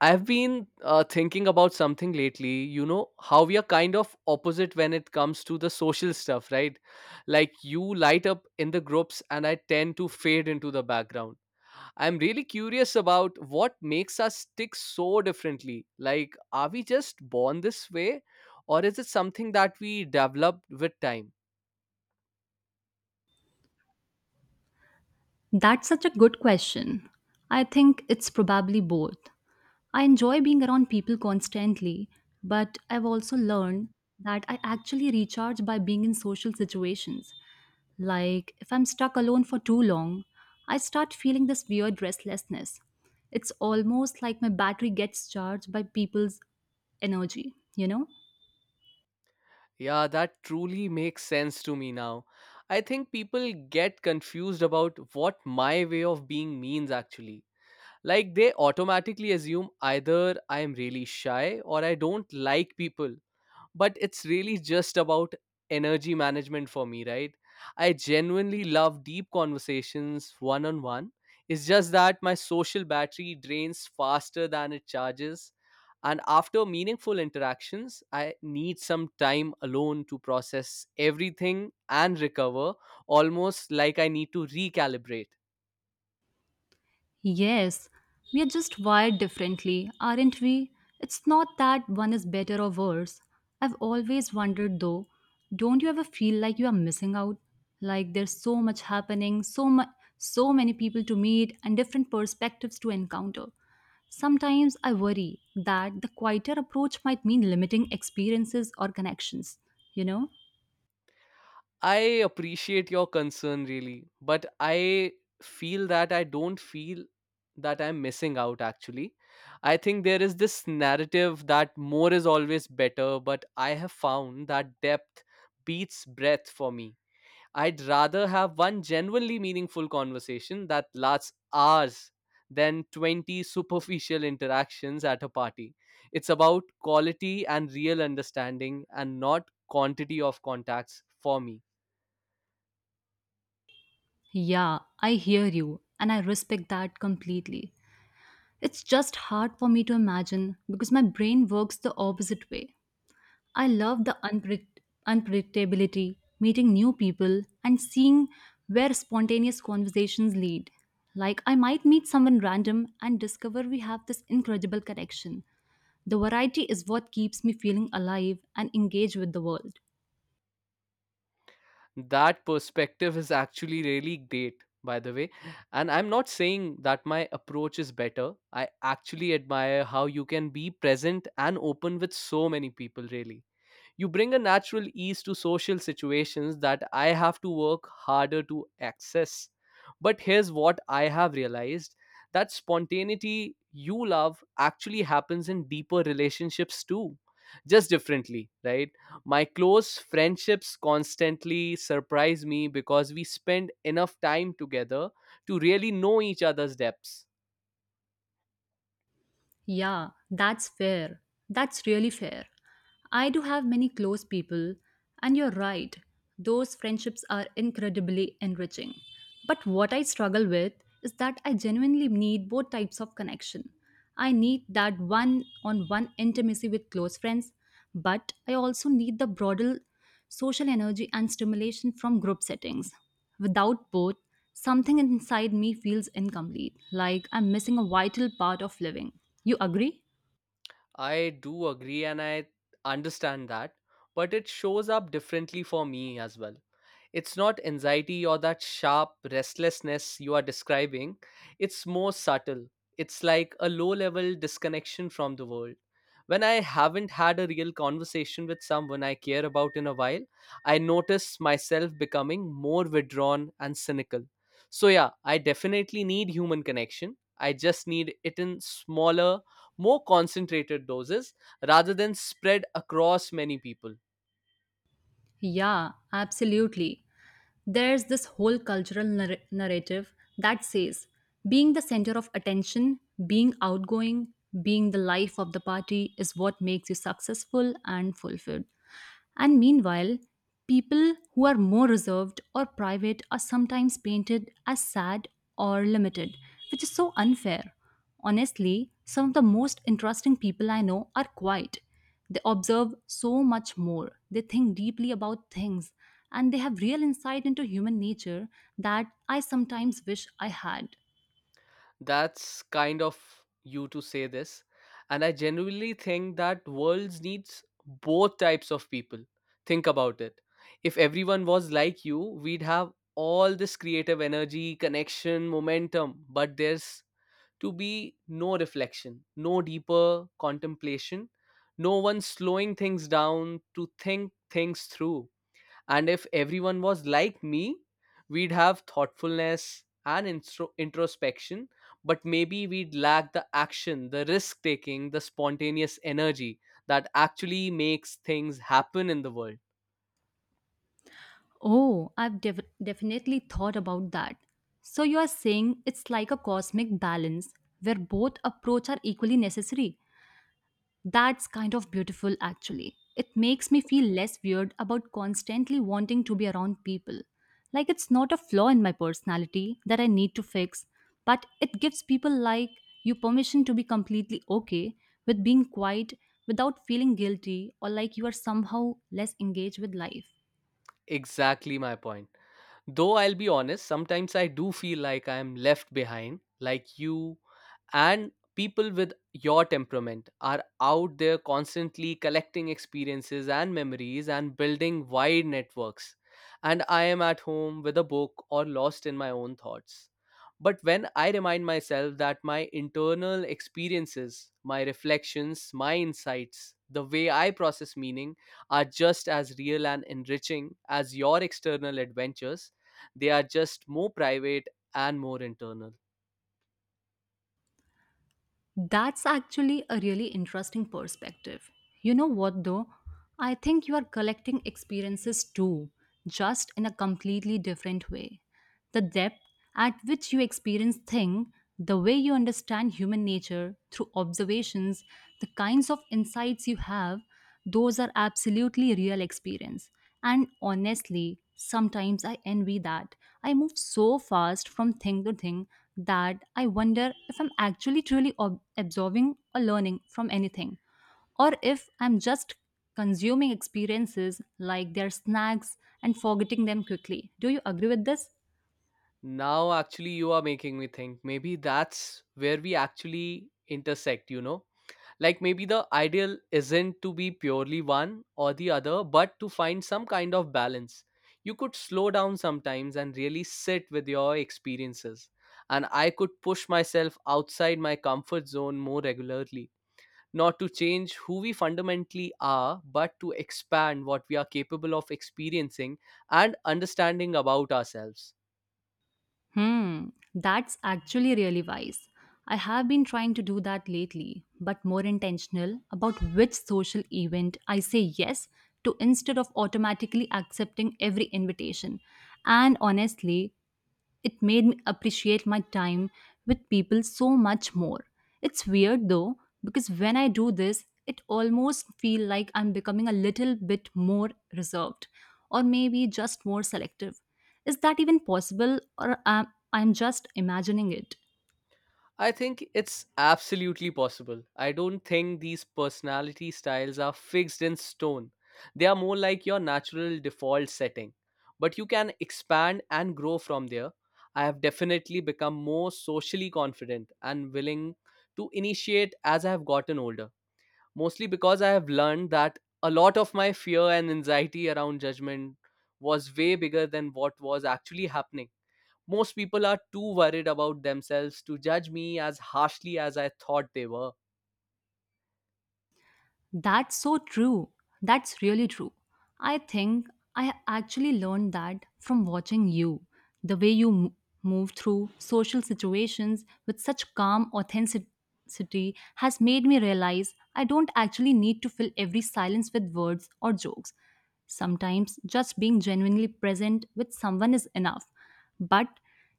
I've been thinking about something lately, how we are kind of opposite when it comes to the social stuff, right? Like you light up in the groups and I tend to fade into the background. I'm really curious about what makes us tick so differently. Like, are we just born this way or is it something that we develop with time? That's such a good question. I think it's probably both. I enjoy being around people constantly, but I've also learned that I actually recharge by being in social situations. Like, if I'm stuck alone for too long, I start feeling this weird restlessness. It's almost like my battery gets charged by people's energy? Yeah, that truly makes sense to me now. I think people get confused about what my way of being means actually. Like they automatically assume either I'm really shy or I don't like people. But it's really just about energy management for me, right? I genuinely love deep conversations one on one. It's just that my social battery drains faster than it charges. And after meaningful interactions, I need some time alone to process everything and recover, almost like I need to recalibrate. Yes, we are just wired differently, aren't we? It's not that one is better or worse. I've always wondered though, don't you ever feel like you are missing out? Like there's so much happening, so many people to meet and different perspectives to encounter. Sometimes I worry that the quieter approach might mean limiting experiences or connections, you know? I appreciate your concern really, but I feel that I don't feel that I'm missing out actually. I think there is this narrative that more is always better, but I have found that depth beats breadth for me. I'd rather have one genuinely meaningful conversation that lasts hours than 20 superficial interactions at a party. It's about quality and real understanding and not quantity of contacts for me. Yeah, I hear you, and I respect that completely. It's just hard for me to imagine because my brain works the opposite way. I love the unpredictability, meeting new people, and seeing where spontaneous conversations lead. Like, I might meet someone random and discover we have this incredible connection. The variety is what keeps me feeling alive and engaged with the world. That perspective is actually really great, by the way. And I'm not saying that my approach is better. I actually admire how you can be present and open with so many people, really. You bring a natural ease to social situations that I have to work harder to access. But here's what I have realized, that spontaneity you love actually happens in deeper relationships too, just differently, right? My close friendships constantly surprise me because we spend enough time together to really know each other's depths. Yeah, that's fair. That's really fair. I do have many close people, and you're right, those friendships are incredibly enriching. But what I struggle with is that I genuinely need both types of connection. I need that one on one intimacy with close friends, but I also need the broader social energy and stimulation from group settings. Without both, something inside me feels incomplete, like I'm missing a vital part of living. You agree? I do agree and I understand that, but it shows up differently for me as well. It's not anxiety or that sharp restlessness you are describing, it's more subtle. It's like a low level disconnection from the world. When I haven't had a real conversation with someone I care about in a while, I notice myself becoming more withdrawn and cynical. So, yeah, I definitely need human connection. I just need it in smaller, more concentrated doses rather than spread across many people. Yeah, absolutely. There's this whole cultural narrative that says being the center of attention, being outgoing, being the life of the party is what makes you successful and fulfilled. And meanwhile, people who are more reserved or private are sometimes painted as sad or limited, which is so unfair. Honestly, some of the most interesting people I know are quiet. They observe so much more, they think deeply about things, and they have real insight into human nature that I sometimes wish I had. That's kind of you to say this, and I genuinely think that worlds needs both types of people. Think about it. If everyone was like you, we'd have all this creative energy, connection, momentum, but there's to be no reflection, no deeper contemplation, no one slowing things down to think things through. And if everyone was like me, we'd have thoughtfulness and introspection, but maybe we'd lack the action, the risk taking, the spontaneous energy that actually makes things happen in the world. Oh, I've definitely thought about that. So, you are saying it's like a cosmic balance where both approach are equally necessary. That's kind of beautiful, actually. It makes me feel less weird about constantly wanting to be around people. Like it's not a flaw in my personality that I need to fix, but it gives people like you permission to be completely okay with being quiet without feeling guilty or like you are somehow less engaged with life. Exactly my point. Though I'll be honest, sometimes I do feel like I'm left behind, like you and people with your temperament are out there constantly collecting experiences and memories and building wide networks, and I am at home with a book or lost in my own thoughts. But when I remind myself that my internal experiences, my reflections, my insights, the way I process meaning are just as real and enriching as your external adventures, they are just more private and more internal. That's actually a really interesting perspective. You know what, though? I think you are collecting experiences too, just in a completely different way. The depth at which you experience things, the way you understand human nature through observations, the kinds of insights you have, those are absolutely real experience. And honestly, sometimes I envy that. I move so fast from thing to thing that I wonder if I'm actually truly absorbing or learning from anything, or if I'm just consuming experiences like their snacks and forgetting them quickly. Do you agree with this? Now, actually, you are making me think. Maybe that's where we actually intersect, you know? Like, maybe the ideal isn't to be purely one or the other, but to find some kind of balance. You could slow down sometimes and really sit with your experiences. And I could push myself outside my comfort zone more regularly, not to change who we fundamentally are, but to expand what we are capable of experiencing and understanding about ourselves. Hmm, that's actually really wise. I have been trying to do that lately, but more intentional about which social event I say yes to instead of automatically accepting every invitation. And honestly, it made me appreciate my time with people so much more. It's weird though, because when I do this, it almost feel like I'm becoming a little bit more reserved or maybe just more selective. Is that even possible, or am I'm just imagining it? I think it's absolutely possible. I don't think these personality styles are fixed in stone. They are more like your natural default setting, but you can expand and grow from there. I have definitely become more socially confident and willing to initiate as I have gotten older, mostly because I have learned that a lot of my fear and anxiety around judgment was way bigger than what was actually happening. Most people are too worried about themselves to judge me as harshly as I thought they were. That's so true. That's really true. I think I actually learned that from watching you. The way you move through social situations with such calm authenticity has made me realize I don't actually need to fill every silence with words or jokes. Sometimes just being genuinely present with someone is enough. But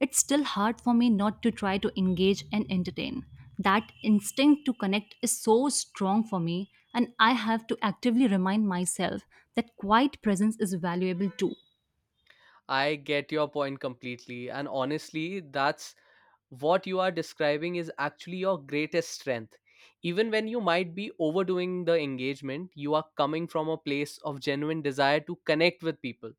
it's still hard for me not to try to engage and entertain. That instinct to connect is so strong for me, and I have to actively remind myself that quiet presence is valuable too. I get your point completely, and honestly, that's what you are describing is actually your greatest strength. Even when you might be overdoing the engagement, you are coming from a place of genuine desire to connect with people.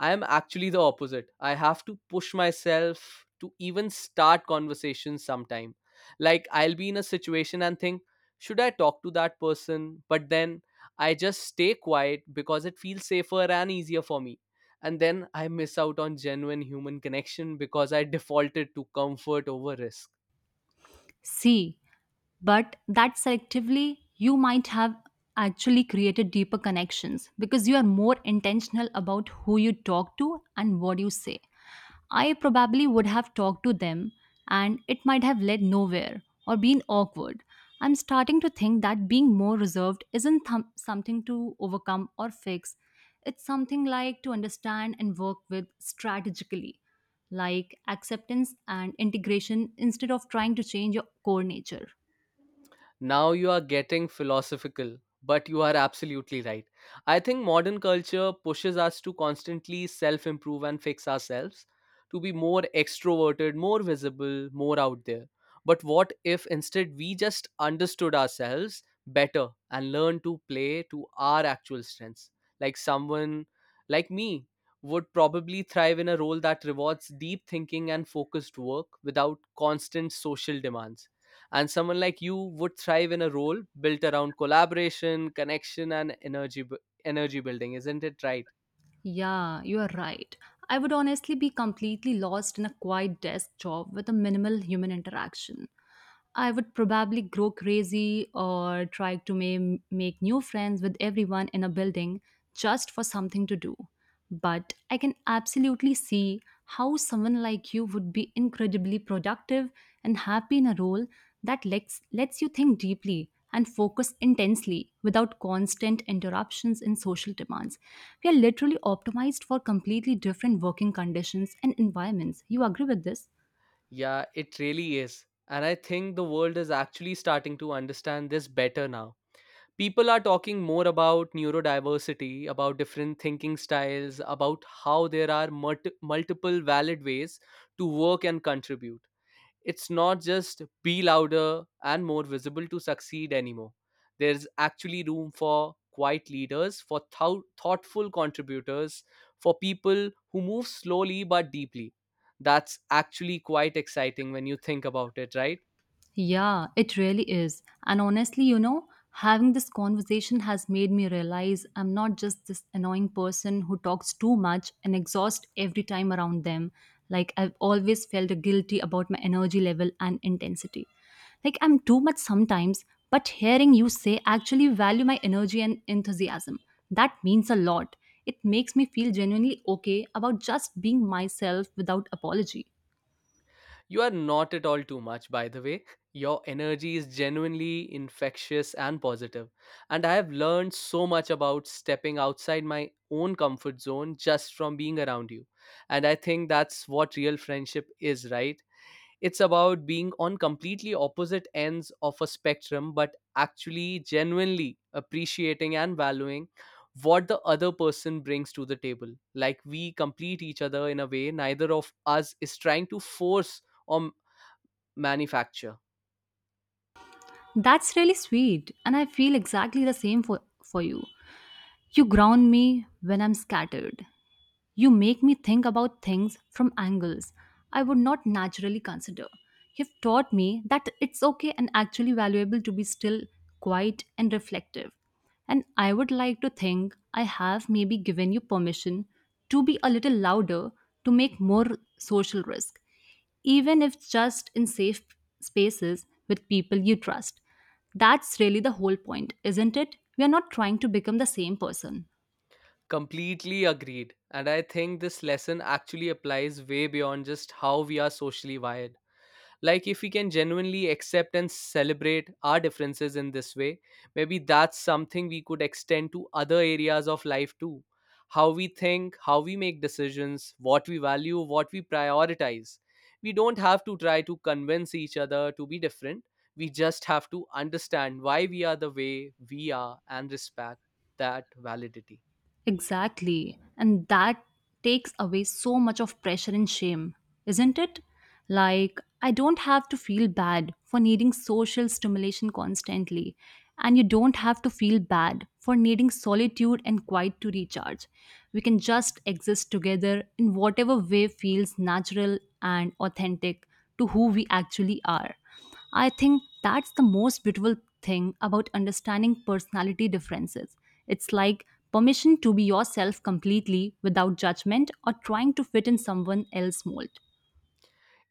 I am actually the opposite. I have to push myself to even start conversations sometime. Like I'll be in a situation and think, should I talk to that person? But then I just stay quiet because it feels safer and easier for me. And then I miss out on genuine human connection because I defaulted to comfort over risk. See, but that selectively, you might have actually created deeper connections because you are more intentional about who you talk to and what you say. I probably would have talked to them, and it might have led nowhere or been awkward. I'm starting to think that being more reserved isn't something to overcome or fix. It's something like to understand and work with strategically, like acceptance and integration instead of trying to change your core nature. Now you are getting philosophical, but you are absolutely right. I think modern culture pushes us to constantly self improve and fix ourselves, to be more extroverted, more visible, more out there. But what if instead we just understood ourselves better and learned to play to our actual strengths? Like someone like me would probably thrive in a role that rewards deep thinking and focused work without constant social demands, and someone like you would thrive in a role built around collaboration, connection, and energy building, isn't it right? Yeah, you are right. I would honestly be completely lost in a quiet desk job with a minimal human interaction. I would probably grow crazy or try to make new friends with everyone in a building just for something to do. But I can absolutely see how someone like you would be incredibly productive and happy in a role that lets you think deeply and focus intensely without constant interruptions and social demands. We are literally optimized for completely different working conditions and environments. You agree with this? Yeah, it really is. And I think the world is actually starting to understand this better now. People are talking more about neurodiversity, about different thinking styles, about how there are multiple valid ways to work and contribute. It's not just be louder and more visible to succeed anymore. There's actually room for quiet leaders, for thoughtful contributors, for people who move slowly but deeply. That's actually quite exciting when you think about it, right? Yeah, it really is. And honestly, having this conversation has made me realize I'm not just this annoying person who talks too much and exhausts every time around them. Like, I've always felt guilty about my energy level and intensity. Like, I'm too much sometimes, but hearing you say actually value my energy and enthusiasm, that means a lot. It makes me feel genuinely okay about just being myself without apology. You are not at all too much, by the way. Your energy is genuinely infectious and positive, and I have learned so much about stepping outside my own comfort zone just from being around you. And I think that's what real friendship is, right? It's about being on completely opposite ends of a spectrum, but actually genuinely appreciating and valuing what the other person brings to the table. Like we complete each other in a way neither of us is trying to force or manufacture. That's really sweet, and I feel exactly the same for you. You ground me when I'm scattered. You make me think about things from angles I would not naturally consider. You've taught me that it's okay and actually valuable to be still, quiet, and reflective. And I would like to think I have maybe given you permission to be a little louder, to make more social risk, even if just in safe spaces with people you trust. That's really the whole point, isn't it? We are not trying to become the same person. Completely agreed. And I think this lesson actually applies way beyond just how we are socially wired. Like, if we can genuinely accept and celebrate our differences in this way, maybe that's something we could extend to other areas of life too. How we think, how we make decisions, what we value, what we prioritize. We don't have to try to convince each other to be different. We just have to understand why we are the way we are and respect that validity. Exactly. And that takes away so much of pressure and shame, isn't it? Like, I don't have to feel bad for needing social stimulation constantly. And you don't have to feel bad for needing solitude and quiet to recharge. We can just exist together in whatever way feels natural and authentic to who we actually are. I think that's the most beautiful thing about understanding personality differences. It's like permission to be yourself completely without judgment or trying to fit in someone else's mold.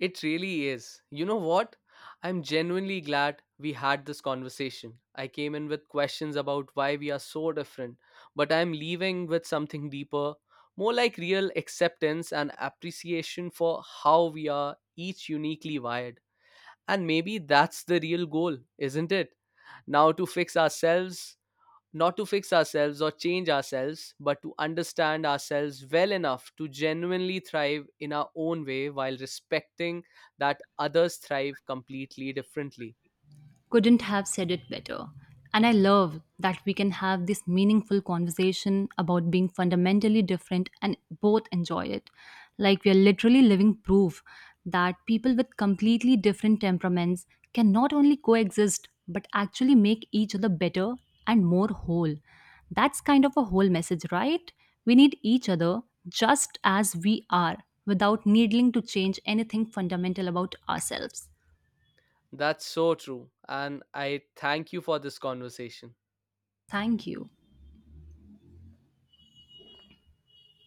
It really is. You know what? I'm genuinely glad we had this conversation. I came in with questions about why we are so different, but I'm leaving with something deeper, more like real acceptance and appreciation for how we are each uniquely wired. And maybe that's the real goal, isn't it? Now to fix ourselves Not to fix ourselves or change ourselves, but to understand ourselves well enough to genuinely thrive in our own way while respecting that others thrive completely differently. Couldn't have said it better. And I love that we can have this meaningful conversation about being fundamentally different and both enjoy it. Like we are literally living proof that people with completely different temperaments can not only coexist but actually make each other better and more whole. That's kind of a whole message, right? We need each other just as we are without needing to change anything fundamental about ourselves. That's so true. And I thank you for this conversation. Thank you.